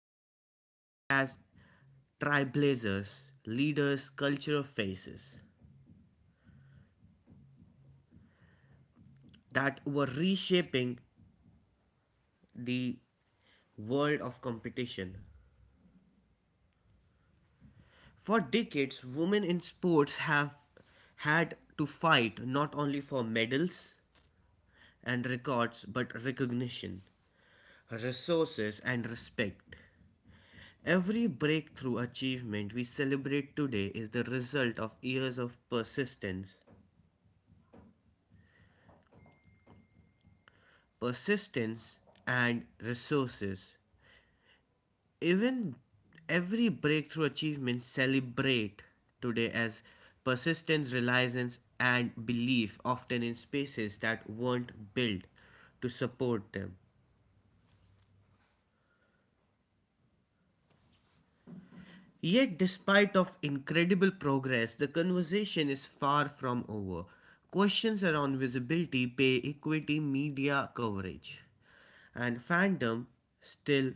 athletes, but as trailblazers, leaders, cultural faces that were reshaping the world of competition. For decades, women in sports have had to fight not only for medals and records, but recognition, resources, and respect. Every breakthrough achievement we celebrate today is the result of years of persistence, and resources. Even every breakthrough achievement celebrate today as persistence, reliance, and belief, often in spaces that weren't built to support them. Yet, despite of incredible progress, the conversation is far from over. Questions around visibility, pay equity, media coverage, and fandom still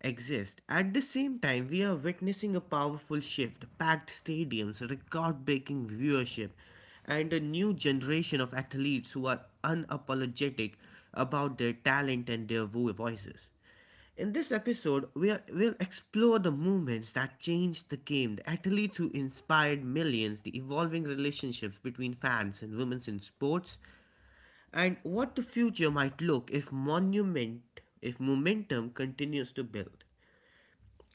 exist. At the same time, we are witnessing a powerful shift, packed stadiums, record breaking viewership, and a new generation of athletes who are unapologetic about their talent and their voices. In this episode, we will explore the movements that changed the game, the athletes who inspired millions, the evolving relationships between fans and women's in sports, and what the future might look if momentum continues to build.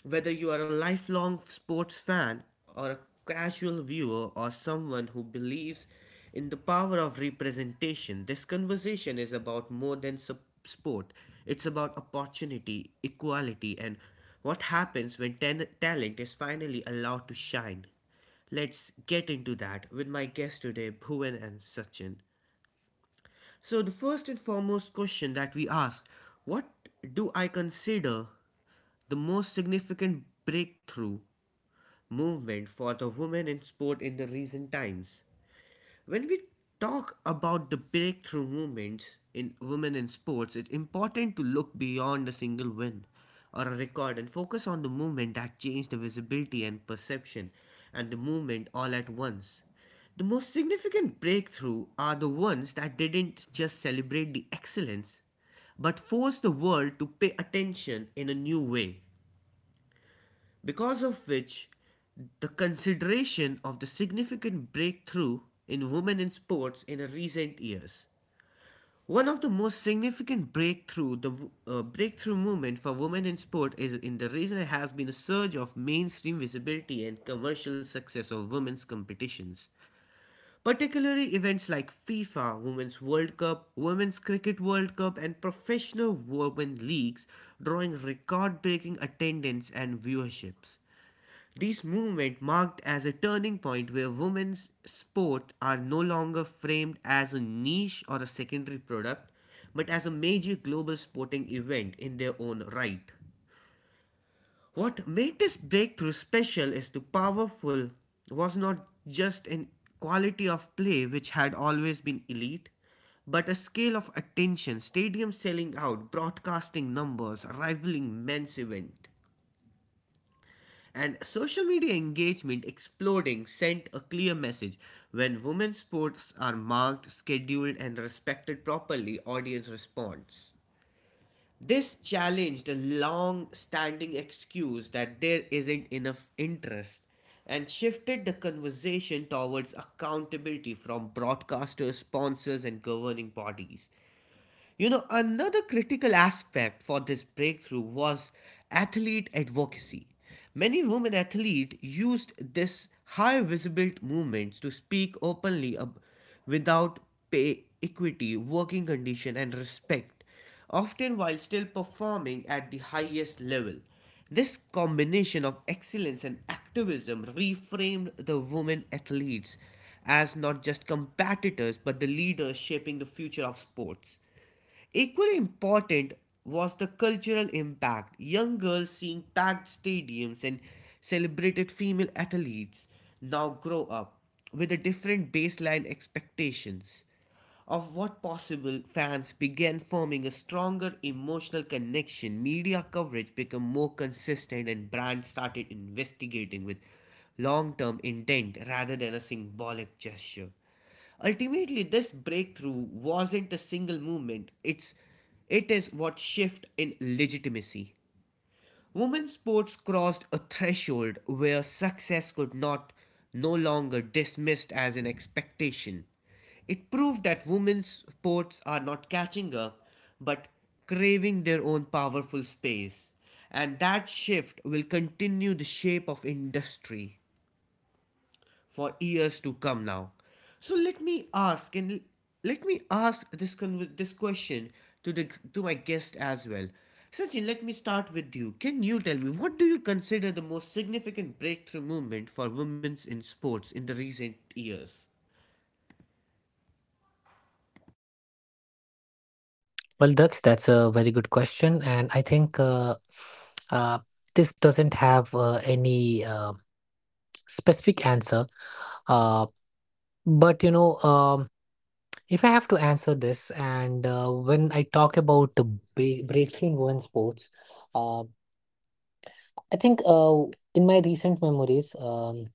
Whether you are a lifelong sports fan or a casual viewer or someone who believes in the power of representation, this conversation is about more than sport. It's about opportunity, equality, and what happens when talent is finally allowed to shine. Let's get into that with my guest today, Bhuvan and Sachin. So, the first and foremost question that we ask, what do I consider the most significant breakthrough movement for the women in sport in the recent times. When we talk about the breakthrough movements in women in sports, it's important to look beyond a single win or a record and focus on the movement that changed the visibility and perception and the movement all at once. The most significant breakthrough are the ones that didn't just celebrate the excellence but forced the world to pay attention in a new way because of which the consideration of the significant breakthrough in women in sports in recent years. One of the most significant breakthrough, the breakthrough movement for women in sport is in the recent has been a surge of mainstream visibility and commercial success of women's competitions. Particularly events like FIFA, Women's World Cup, Women's Cricket World Cup and professional women leagues drawing record-breaking attendance and viewerships. This movement marked as a turning point where women's sport are no longer framed as a niche or a secondary product, but as a major global sporting event in their own right. What made this breakthrough special is the powerful was not just an quality of play which had always been elite, but a scale of attention, stadiums selling out, broadcasting numbers, rivaling men's event. And social media engagement exploding sent a clear message. When women's sports are marked, scheduled, and respected properly, audience responds. This challenged a long standing excuse that there isn't enough interest and shifted the conversation towards accountability from broadcasters, sponsors, and governing bodies. You know, another critical aspect for this breakthrough was athlete advocacy. Many women athletes used this high visibility movements to speak openly without pay equity, working condition and respect, often while still performing at the highest level. This combination of excellence and activism reframed the women athletes as not just competitors but the leaders shaping the future of sports. Equally important was the cultural impact. Young girls seeing packed stadiums and celebrated female athletes now grow up with a different baseline expectations of what possible fans began forming a stronger emotional connection, media coverage became more consistent and brands started investigating with long-term intent rather than a symbolic gesture. Ultimately, this breakthrough wasn't a single movement. It is what shift in legitimacy. Women's sports crossed a threshold where success could not no longer dismissed as an expectation. It proved that women's sports are not catching up, but craving their own powerful space. And that shift will continue the shape of industry for years to come now. So let me ask this question to my guest as well. Sachin, let me start with you. Can you tell me what do you consider the most significant breakthrough movement for women in sports in the recent years? Well, Daksh, that's a very good question, and I think uh, this doesn't have any specific answer. Uh, but if I have to answer this, and when I talk about the breakthrough in women's sports, uh, I think in my recent memories. Um,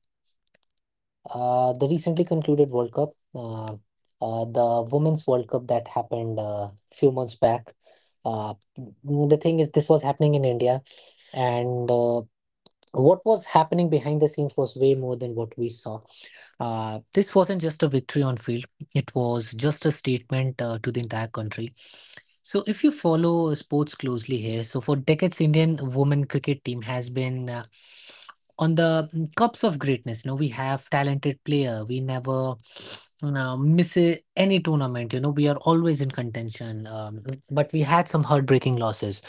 Uh, The recently concluded World Cup, the Women's World Cup that happened a few months back. The thing is, this was happening in India, and what was happening behind the scenes was way more than what we saw. This wasn't just a victory on field, it was just a statement to the entire country. So, if you follow sports closely here, so for decades, Indian women cricket team has been on the cups of greatness. You know, we have talented player. We never miss any tournament. You know, we are always in contention. But we had some heartbreaking losses.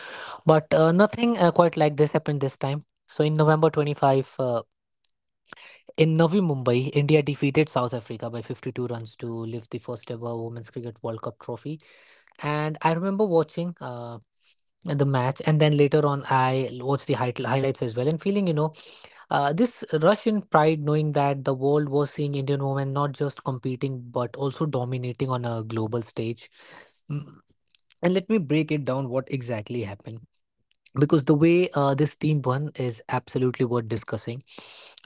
But nothing quite like this happened this time. So in November 25, in Navi Mumbai, India defeated South Africa by 52 runs to lift the first ever Women's Cricket World Cup trophy. And I remember watching the match, and then later on, I watched the highlights as well, and feeling, you know, this Russian pride, knowing that the world was seeing Indian women not just competing but also dominating on a global stage. Mm, And let me break it down what exactly happened, because the way this team won is absolutely worth discussing.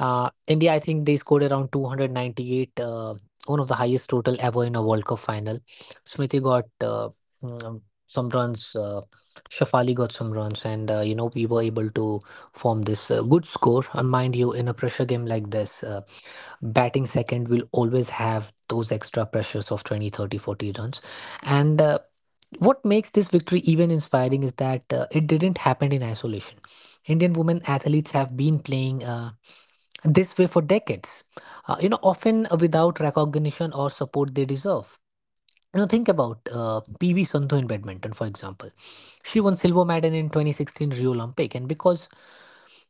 India, I think they scored around 298, one of the highest total ever in a World Cup final. Smithy got mm, some runs, Shafali got some runs, and you know we were able to form this good score. And mind you, in a pressure game like this. Batting second will always have those extra pressures of 20, 30, 40 runs, and what makes this victory even inspiring is that it didn't happen in isolation. Indian women athletes have been playing this way for decades, you know, often without recognition or support they deserve. You know, think about PV Sandhu in badminton, for example. She won silver medal in 2016 Rio Olympic, and because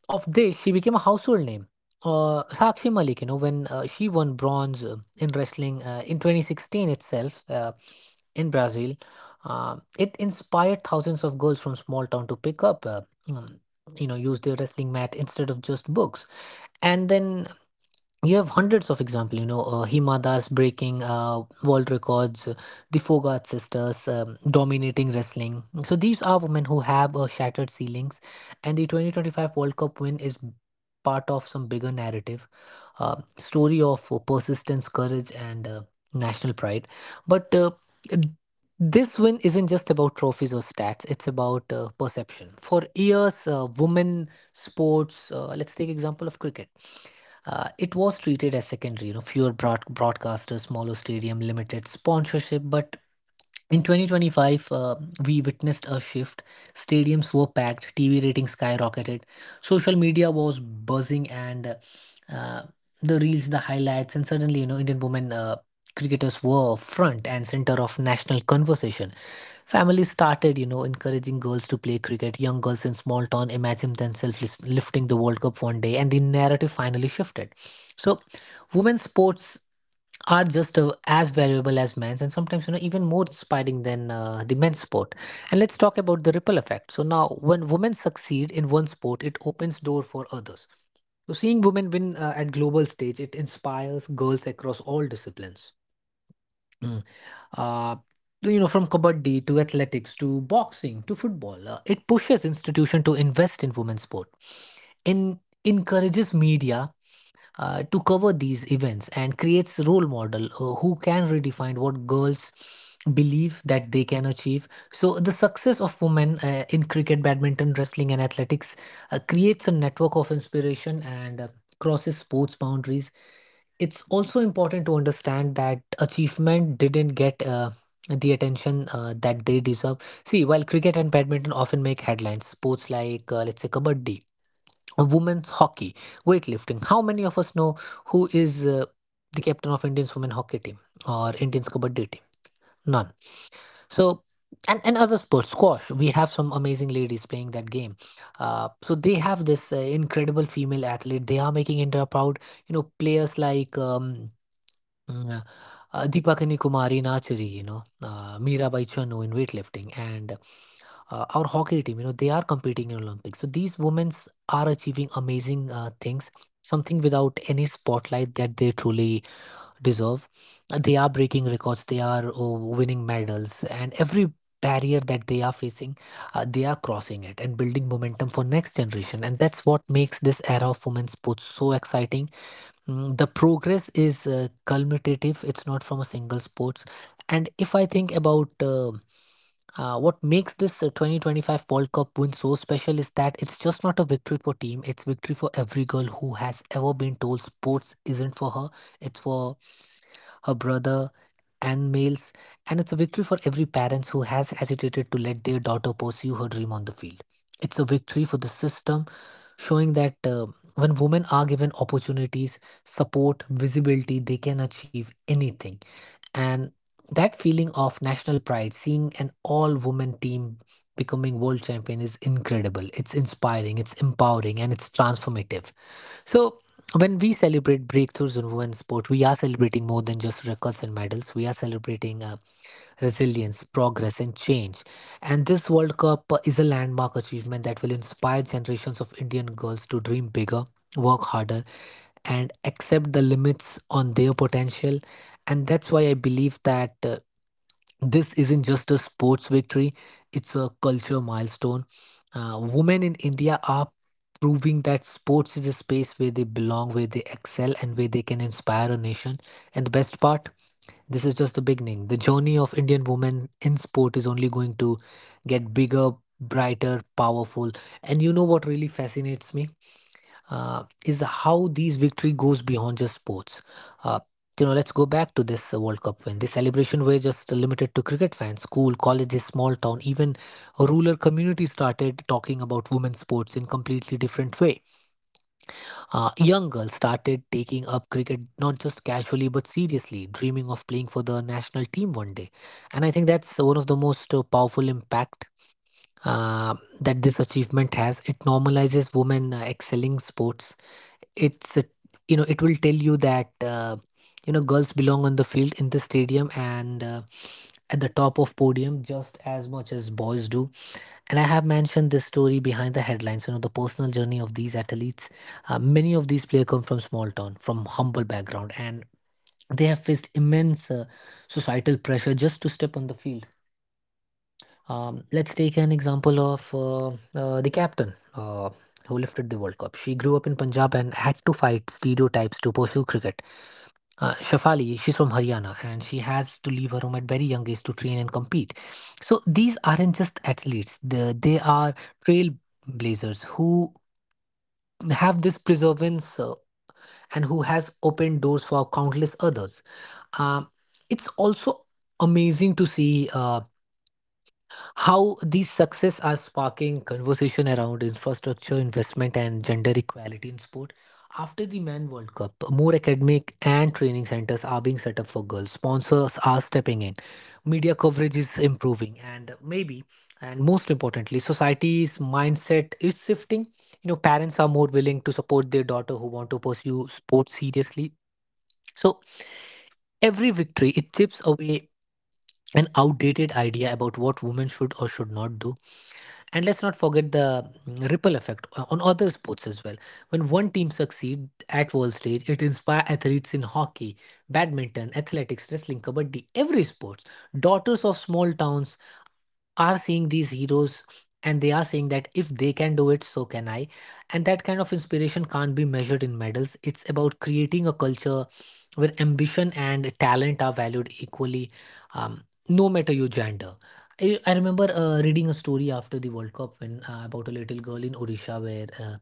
of this, she became a household name. Sakshi Malik, you know, when she won bronze in wrestling in 2016 itself in Brazil, it inspired thousands of girls from small town to pick up, um, use their wrestling mat instead of just books. And then you have hundreds of example, you know, Hima Das breaking world records, the Fogart sisters dominating wrestling. So these are women who have shattered ceilings, and the 2025 World Cup win is part of some bigger narrative, story of persistence, courage, and national pride. But this win isn't just about trophies or stats. It's about perception. For years women sports, let's take example of cricket, it was treated as secondary. You know, fewer broadcasters, smaller stadium, limited sponsorship. But in 2025, we witnessed a shift. Stadiums were packed, TV ratings skyrocketed, social media was buzzing, and uh, the reels, the highlights, and suddenly, you know, Indian women cricketers were front and center of national conversation. Families started, you know, encouraging girls to play cricket. Young girls in small town imagined themselves lifting the World Cup one day, and the narrative finally shifted. So, women's sports are just as valuable as men's, and sometimes, you know, even more inspiring than the men's sport. And let's talk about the ripple effect. So now, when women succeed in one sport, it opens door for others. So, seeing women win at global stage, it inspires girls across all disciplines. Hmm uh, you know, from kabaddi to athletics to boxing to football. It pushes institution to invest in women's sport, in encourages media to cover these events, and creates role model who can redefine what girls believe that they can achieve. So the success of women in cricket, badminton, wrestling, and athletics creates a network of inspiration and crosses sports boundaries. It's also important to understand that achievement didn't get the attention that they deserve. See, while cricket and badminton often make headlines, sports like, let's say, kabaddi, women's hockey, weightlifting, how many of us know who is the captain of Indian's women hockey team or Indian's kabaddi team? None. So, and other sports, squash, we have some amazing ladies playing that game. So they have this incredible female athlete. They are making India proud. You know, players like Mm, Deepakani Kumari Nachuri, you know, Mirabai Chanu in weightlifting, and our hockey team, you know, they are competing in Olympics. So these women are achieving amazing things, something without any spotlight that they truly deserve. They are breaking records, they are winning medals, and every barrier that they are facing, they are crossing it and building momentum for next generation. And that's what makes this era of women's sports so exciting. The progress is culminative. It's not from a single sports. And if I think about what makes this 2025 World Cup win so special is that it's just not a victory for team. It's victory for every girl who has ever been told sports isn't for her. It's for her brother, and males, and it's a victory for every parent who has hesitated to let their daughter pursue her dream on the field. It's a victory for the system, showing that when women are given opportunities, support, visibility, they can achieve anything. And that feeling of national pride, seeing an all woman team becoming world champion, is incredible. It's inspiring, it's empowering, and it's transformative. So, when we celebrate breakthroughs in women's sport, we are celebrating more than just records and medals. We are celebrating resilience, progress, and change. And this World Cup is a landmark achievement that will inspire generations of Indian girls to dream bigger, work harder, and accept the limits on their potential. And that's why I believe that this isn't just a sports victory, it's a culture milestone. Women in India are proving that sports is a space where they belong, where they excel, and where they can inspire a nation. And the best part, this is just the beginning. The journey of Indian women in sport is only going to get bigger, brighter, powerful. And you know what really fascinates me? Is how these victory goes beyond just sports. Uh, you know, let's go back to this World Cup win. The celebration were just limited to cricket fans, school, colleges, small town, even a rural community started talking about women's sports in completely different way. Young girls started taking up cricket not just casually but seriously, dreaming of playing for the national team one day. And I think that's one of the most powerful impact uh, that this achievement has. It normalizes women excelling sports. It's a, you know, it will tell you that you know, girls belong on the field, in the stadium, and at the top of podium just as much as boys do. And I have mentioned this story behind the headlines, you know, the personal journey of these athletes. Many of these players come from small town, from humble background, and they have faced immense societal pressure just to step on the field. Let's take an example of the captain who lifted the World Cup. She grew up in Punjab and had to fight stereotypes to pursue cricket. Shafali, she's from Haryana and she has to leave her home at very young age to train and compete. So these aren't just athletes; they are trailblazers who have this perseverance and who has opened doors for countless others. Um, it's also amazing to see. How these success are sparking conversation around infrastructure investment and gender equality in sport. After the Men World Cup, more academic and training centers are being set up for girls. Sponsors are stepping in. Media coverage is improving, and maybe, and most importantly, society's mindset is shifting. You know, parents are more willing to support their daughter who want to pursue sports seriously. So every victory it chips away an outdated idea about what women should or should not do. And let's not forget the ripple effect on other sports as well. When one team succeeds at world stage, it inspires athletes in hockey, badminton, athletics, wrestling, kabaddi, every sports. Daughters of small towns are seeing these heroes, and they are saying that if they can do it, so can I. And that kind of inspiration can't be measured in medals. It's about creating a culture where ambition and talent are valued equally, um, no matter your gender. I remember reading a story after the world cup when about a little girl in Orisha where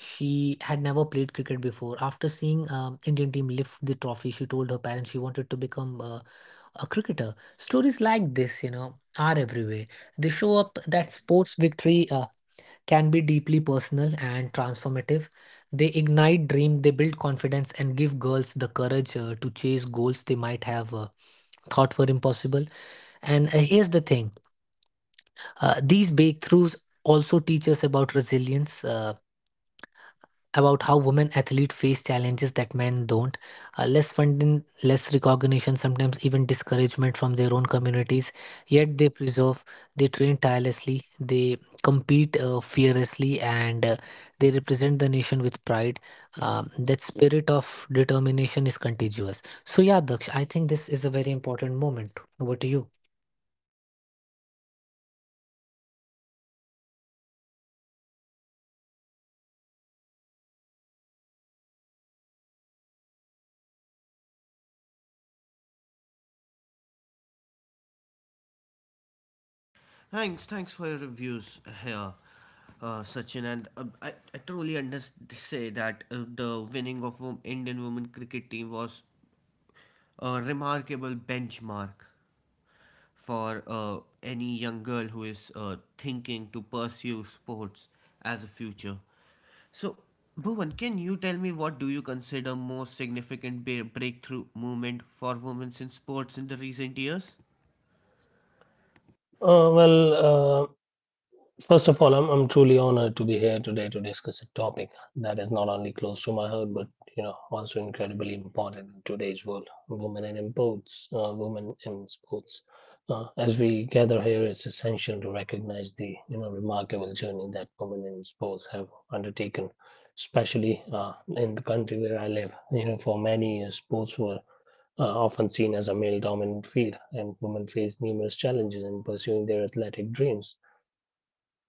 she had never played cricket before. After seeing Indian team lift the trophy, she told her parents she wanted to become a cricketer. Stories like this, you know, are everywhere. They show up that sports victory can be deeply personal and transformative. They ignite dream, they build confidence, and give girls the courage to chase goals they might have thought were impossible. And here's the thing: these breakthroughs also teach us about resilience. About how women athletes face challenges that men don't. Less funding, less recognition, sometimes even discouragement from their own communities. Yet they preserve, they train tirelessly, they compete fearlessly, and they represent the nation with pride. That spirit of determination is contagious. So, yeah, Daksh, I think this is a very important moment. Over to you. Thanks for your reviews here, Sachin. And I truly understand say that the winning of Indian women cricket team was a remarkable benchmark for any young girl who is thinking to pursue sports as a future. So, Bhuvan, can you tell me what do you consider most significant breakthrough movement for women in sports in the recent years? Uh, well, uh, first of all, I'm truly honored to be here today to discuss a topic that is not only close to my heart, but you know, also incredibly important in today's world: women in sports. Women in sports. As we gather here, it's essential to recognize the you know remarkable journey that women in sports have undertaken, especially in the country where I live. You know, for many years, sports were are often seen as a male dominant field, and women face numerous challenges in pursuing their athletic dreams.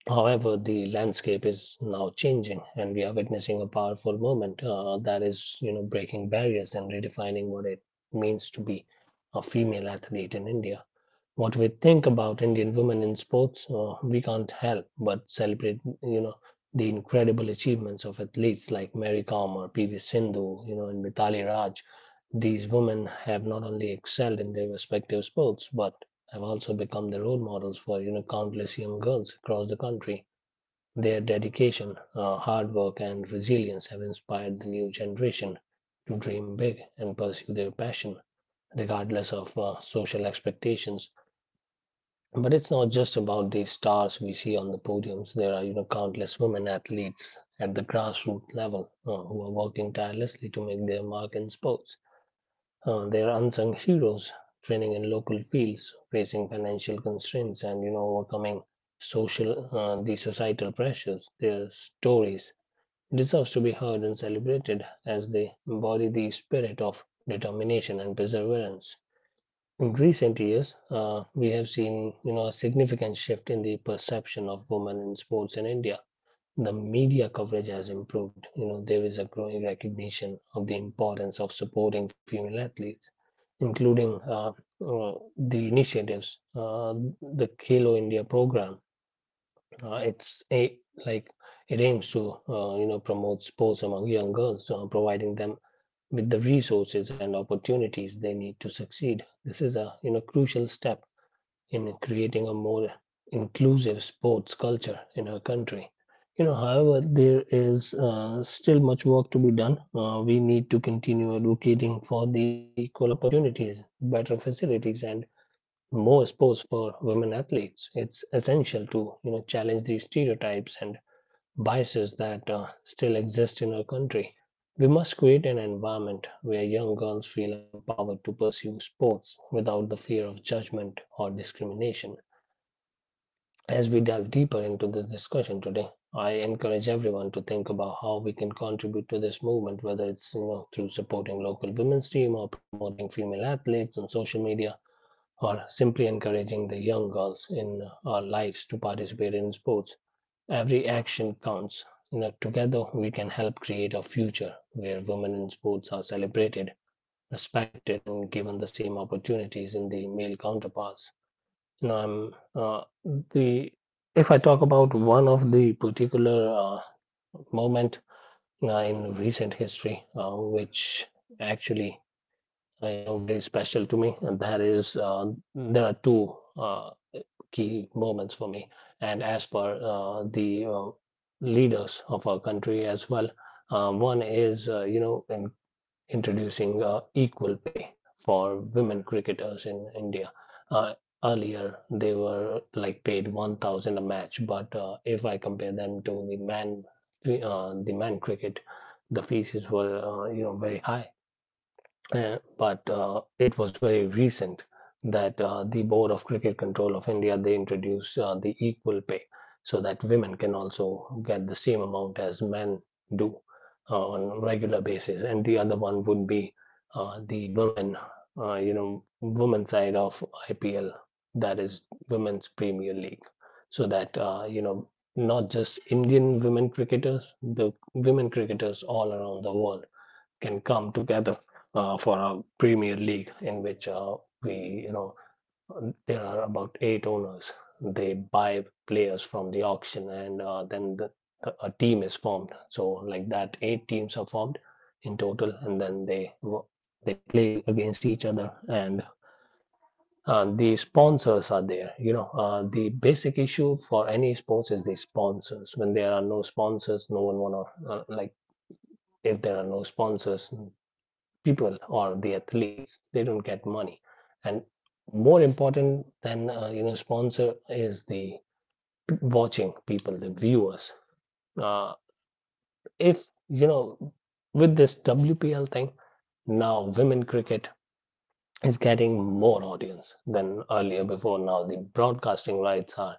However, the landscape is now changing, and we are witnessing a powerful movement that is, you know, breaking barriers and redefining what it means to be a female athlete in India what we think about Indian women in sports, we can't help but celebrate, you know, the incredible achievements of athletes like Mary Kom or PV Sindhu, you know, and Mitali Raj. These women have not only excelled in their respective sports, but have also become the role models for, you know, countless young girls across the country. Their dedication, hard work, and resilience have inspired the new generation to dream big and pursue their passion, regardless of social expectations. But it's not just about the stars we see on the podiums. There are, you know, countless women athletes at the grassroots level who are working tirelessly to make their mark in sports. They are unsung heroes, training in local fields, facing financial constraints, and you know, overcoming social, the societal pressures. Their stories deserves to be heard and celebrated as they embody the spirit of determination and perseverance. In recent years, we have seen you know a significant shift in the perception of women in sports in India. The media coverage has improved. You know there is a growing recognition of the importance of supporting female athletes, including the initiatives, the Khelo India program. It's a like It aims to you know promote sports among young girls, providing them with the resources and opportunities they need to succeed. This is a you know crucial step in creating a more inclusive sports culture in our country. You know, however, there is still much work to be done. We need to continue advocating for the equal opportunities, better facilities, and more sports for women athletes. It's essential to you know challenge the stereotypes and biases that still exist in our country. We must create an environment where young girls feel empowered to pursue sports without the fear of judgment or discrimination. As we delve deeper into this discussion today, I encourage everyone to think about how we can contribute to this movement, whether it's you know, through supporting local women's team or promoting female athletes on social media or simply encouraging the young girls in our lives to participate in sports. Every action counts. You know, together we can help create a future where women in sports are celebrated, respected, and given the same opportunities in the male counterparts. Um, uh, the If I talk about one of the particular moment in recent history, which actually you know very special to me, and that is there are two key moments for me, and as per the leaders of our country as well. One is you know in introducing equal pay for women cricketers in India. Uh, Earlier, they were like paid 1,000 a match, but if I compare them to the man cricket, the fees were you know very high. But It was very recent that the Board of Cricket Control of India they introduced the equal pay so that women can also get the same amount as men do on a regular basis, and the other one would be uh, the women, you know, women side of IPL, that is Women's Premier League, so that you know not just Indian women cricketers, the women cricketers all around the world can come together for a Premier League in which you know, there are about 8 owners. They buy players from the auction, and a team is formed. So like that, 8 teams are formed in total, and then they play against each other, and the sponsors are there. You know, the basic issue for any sports is the sponsors. When there are no sponsors, no one wanna uh, like if there are no sponsors, people or the athletes they don't get money and more important than you know sponsor is the watching people the viewers uh, if you know with this WPL thing now women cricket is getting more audience than earlier before now the broadcasting rights are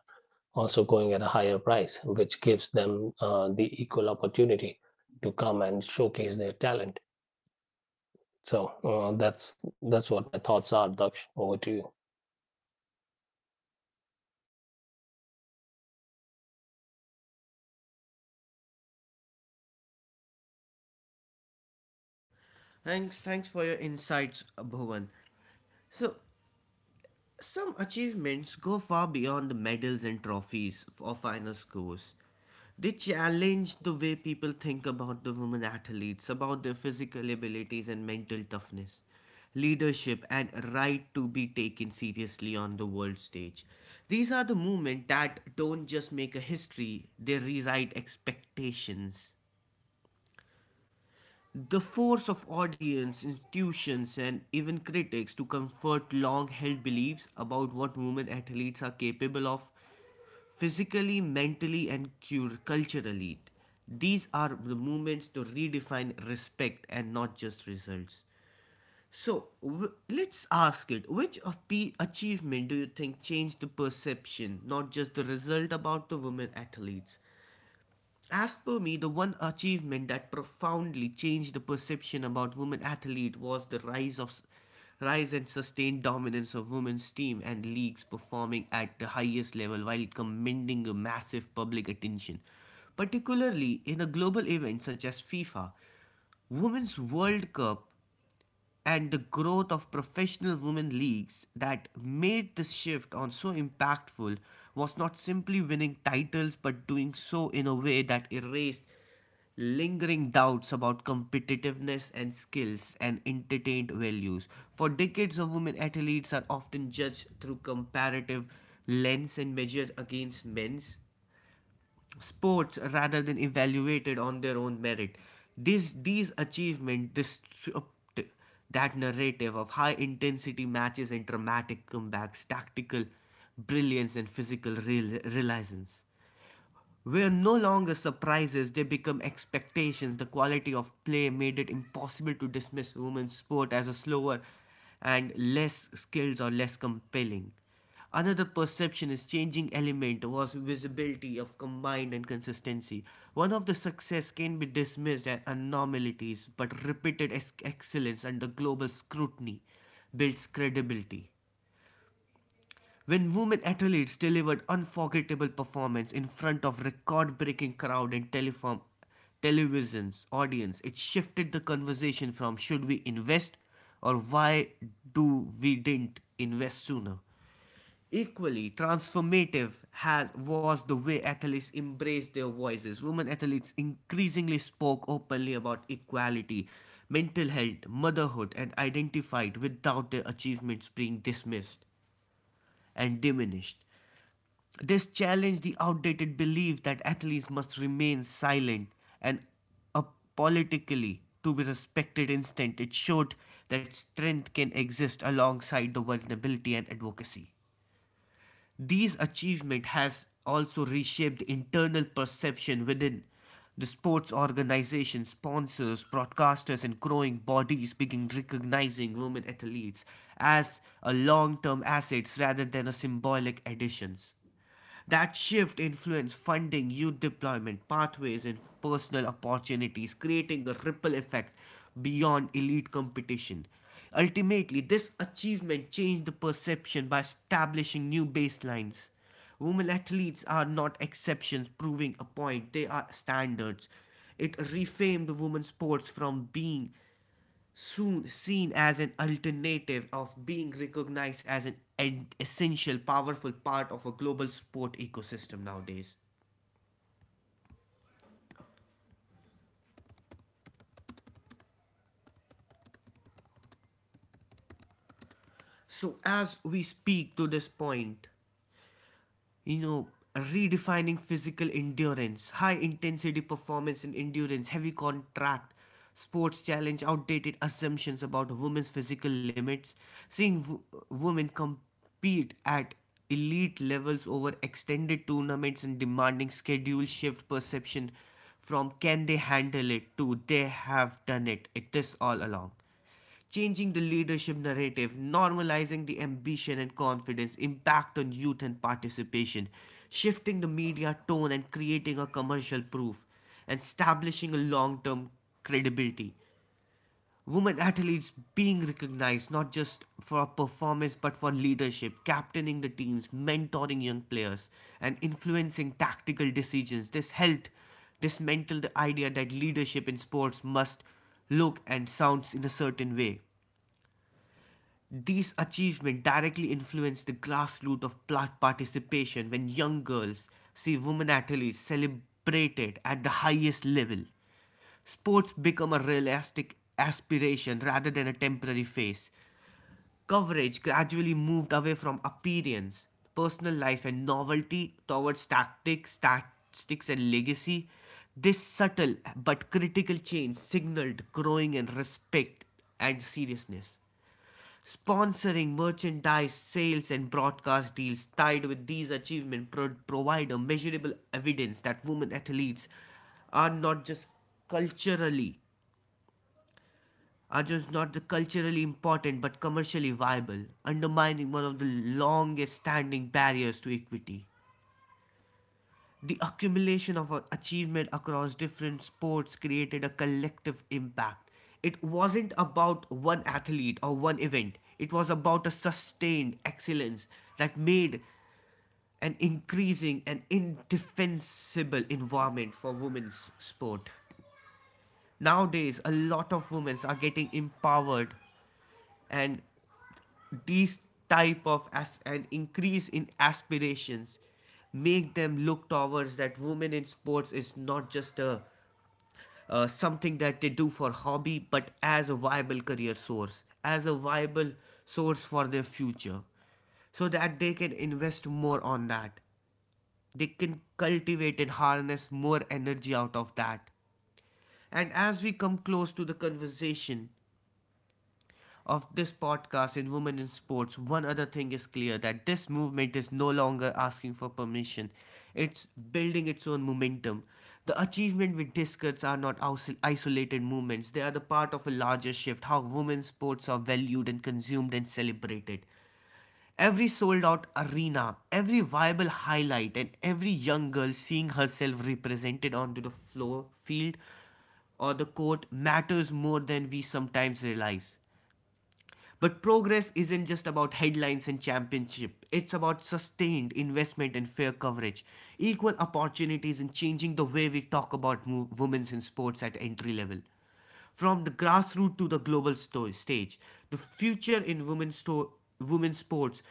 also going at a higher price which gives them the equal opportunity to come and showcase their talent so that's what my thoughts are daksh over to you Thanks for your insights, Bhuvan. So, some achievements go far beyond the medals and trophies or final scores. They challenge the way people think about the women athletes, about their physical abilities and mental toughness, leadership, and right to be taken seriously on the world stage. These are the movements that don't just make a history, they rewrite expectations. The force of audience, institutions, and even critics to comfort long held beliefs about what women athletes are capable of physically, mentally, and culturally. These are the movements to redefine respect and not just results. So let's ask it, which of P achievement do you think changed the perception, not just the result about the women athletes? As per me, the one achievement that profoundly changed the perception about women athlete was the rise and sustained dominance of women's team and leagues performing at the highest level while commanding a massive public attention. Particularly in a global event such as FIFA, Women's World Cup and the growth of professional women leagues that made this shift on so impactful was not simply winning titles but doing so in a way that erased lingering doubts about competitiveness and skills and entertained values. For decades of women athletes are often judged through comparative lens and measured against men's sports rather than evaluated on their own merit. These achievements disrupt that narrative of high intensity matches and dramatic comebacks, tactical brilliance, and physical realisance were no longer surprises, they become expectations. The quality of play made it impossible to dismiss women's sport as a slower and less skilled or less compelling. Another perception is changing element was visibility of combined and consistency. One of the success can be dismissed as anomalies, but repeated excellence under global scrutiny builds credibility when women athletes delivered unforgettable performance in front of record-breaking crowd and teleform, television's audience. It shifted the conversation from should we invest or why do we didn't invest sooner. Equally transformative has was the way athletes embraced their voices. Women athletes increasingly spoke openly about equality, mental health, motherhood and identified without their achievements being dismissed and diminished. This challenged the outdated belief that athletes must remain silent and apolitically to be respected instant. It showed that strength can exist alongside the vulnerability and advocacy. These achievement has also reshaped the internal perception within the sports organizations, sponsors, broadcasters, and growing bodies begin recognizing women athletes as a long-term assets rather than a symbolic additions. That shift influenced funding, youth deployment, pathways, and personal opportunities, creating a ripple effect beyond elite competition. Ultimately, this achievement changed the perception by establishing new baselines. Women athletes are not exceptions proving a point, they are standards. It reframed women's sports from being soon seen as an alternative of being recognized as an essential powerful part of a global sport ecosystem nowadays. So as we speak to this point, you know, redefining physical endurance, high intensity performance and endurance heavy contract sports challenge outdated assumptions about women's physical limits, seeing women compete at elite levels over extended tournaments and demanding schedule shift perception from can they handle it to they have done it it is all along. Changing the leadership narrative, normalizing the ambition and confidence, impact on youth and participation, shifting the media tone and creating a commercial proof, and establishing a long term credibility. Women athletes being recognized not just for performance but for leadership, captaining the teams, mentoring young players, and influencing tactical decisions. This helped dismantle the idea that leadership in sports must look and sounds in a certain way. These achievements directly influence the grassroots of participation when young girls see women athletes celebrated at the highest level. Sports become a realistic aspiration rather than a temporary phase. Coverage gradually moved away from appearance, personal life, and novelty towards tactics, statistics, and legacy. This subtle but critical change signaled growing in respect and seriousness. Sponsoring merchandise sales and broadcast deals tied with these achievements provide a measurable evidence that women athletes are not just culturally are just not the culturally important but commercially viable, undermining one of the longest standing barriers to equity. The accumulation of achievement across different sports created a collective impact. It wasn't about one athlete or one event, it was about a sustained excellence that made an increasing and indefensible environment for women's sport. Nowadays, a lot of women are getting empowered, and these type of as an increase in aspirations make them look towards that women in sports is not just a something that they do for hobby but as a viable career source, as a viable source for their future so that they can invest more on that, they can cultivate and harness more energy out of that. And as we come close to the conversation of this podcast in Women in Sports, one other thing is clear, that this movement is no longer asking for permission. It's building its own momentum. The achievement we discuss are not isolated movements, they are the part of a larger shift how women's sports are valued and consumed and celebrated. Every sold out arena, every viable highlight, and every young girl seeing herself represented onto the floor, field, or the court matters more than we sometimes realize. But progress isn't just about headlines and championship. It's about sustained investment and fair coverage, equal opportunities and changing the way we talk about women's in sports at entry level. From the grassroots to the global stage, the future in women's sports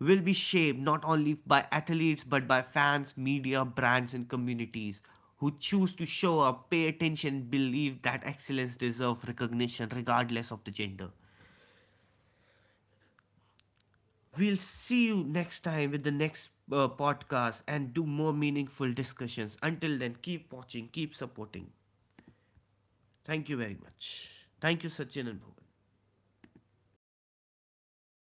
will be shaped not only by athletes but by fans, media, brands, and communities who choose to show up, pay attention, believe that excellence deserves recognition regardless of the gender. We'll see you next time with the next podcast and do more meaningful discussions. Until then, keep watching, keep supporting. Thank you very much. Thank you, Sachin and Bhuvan.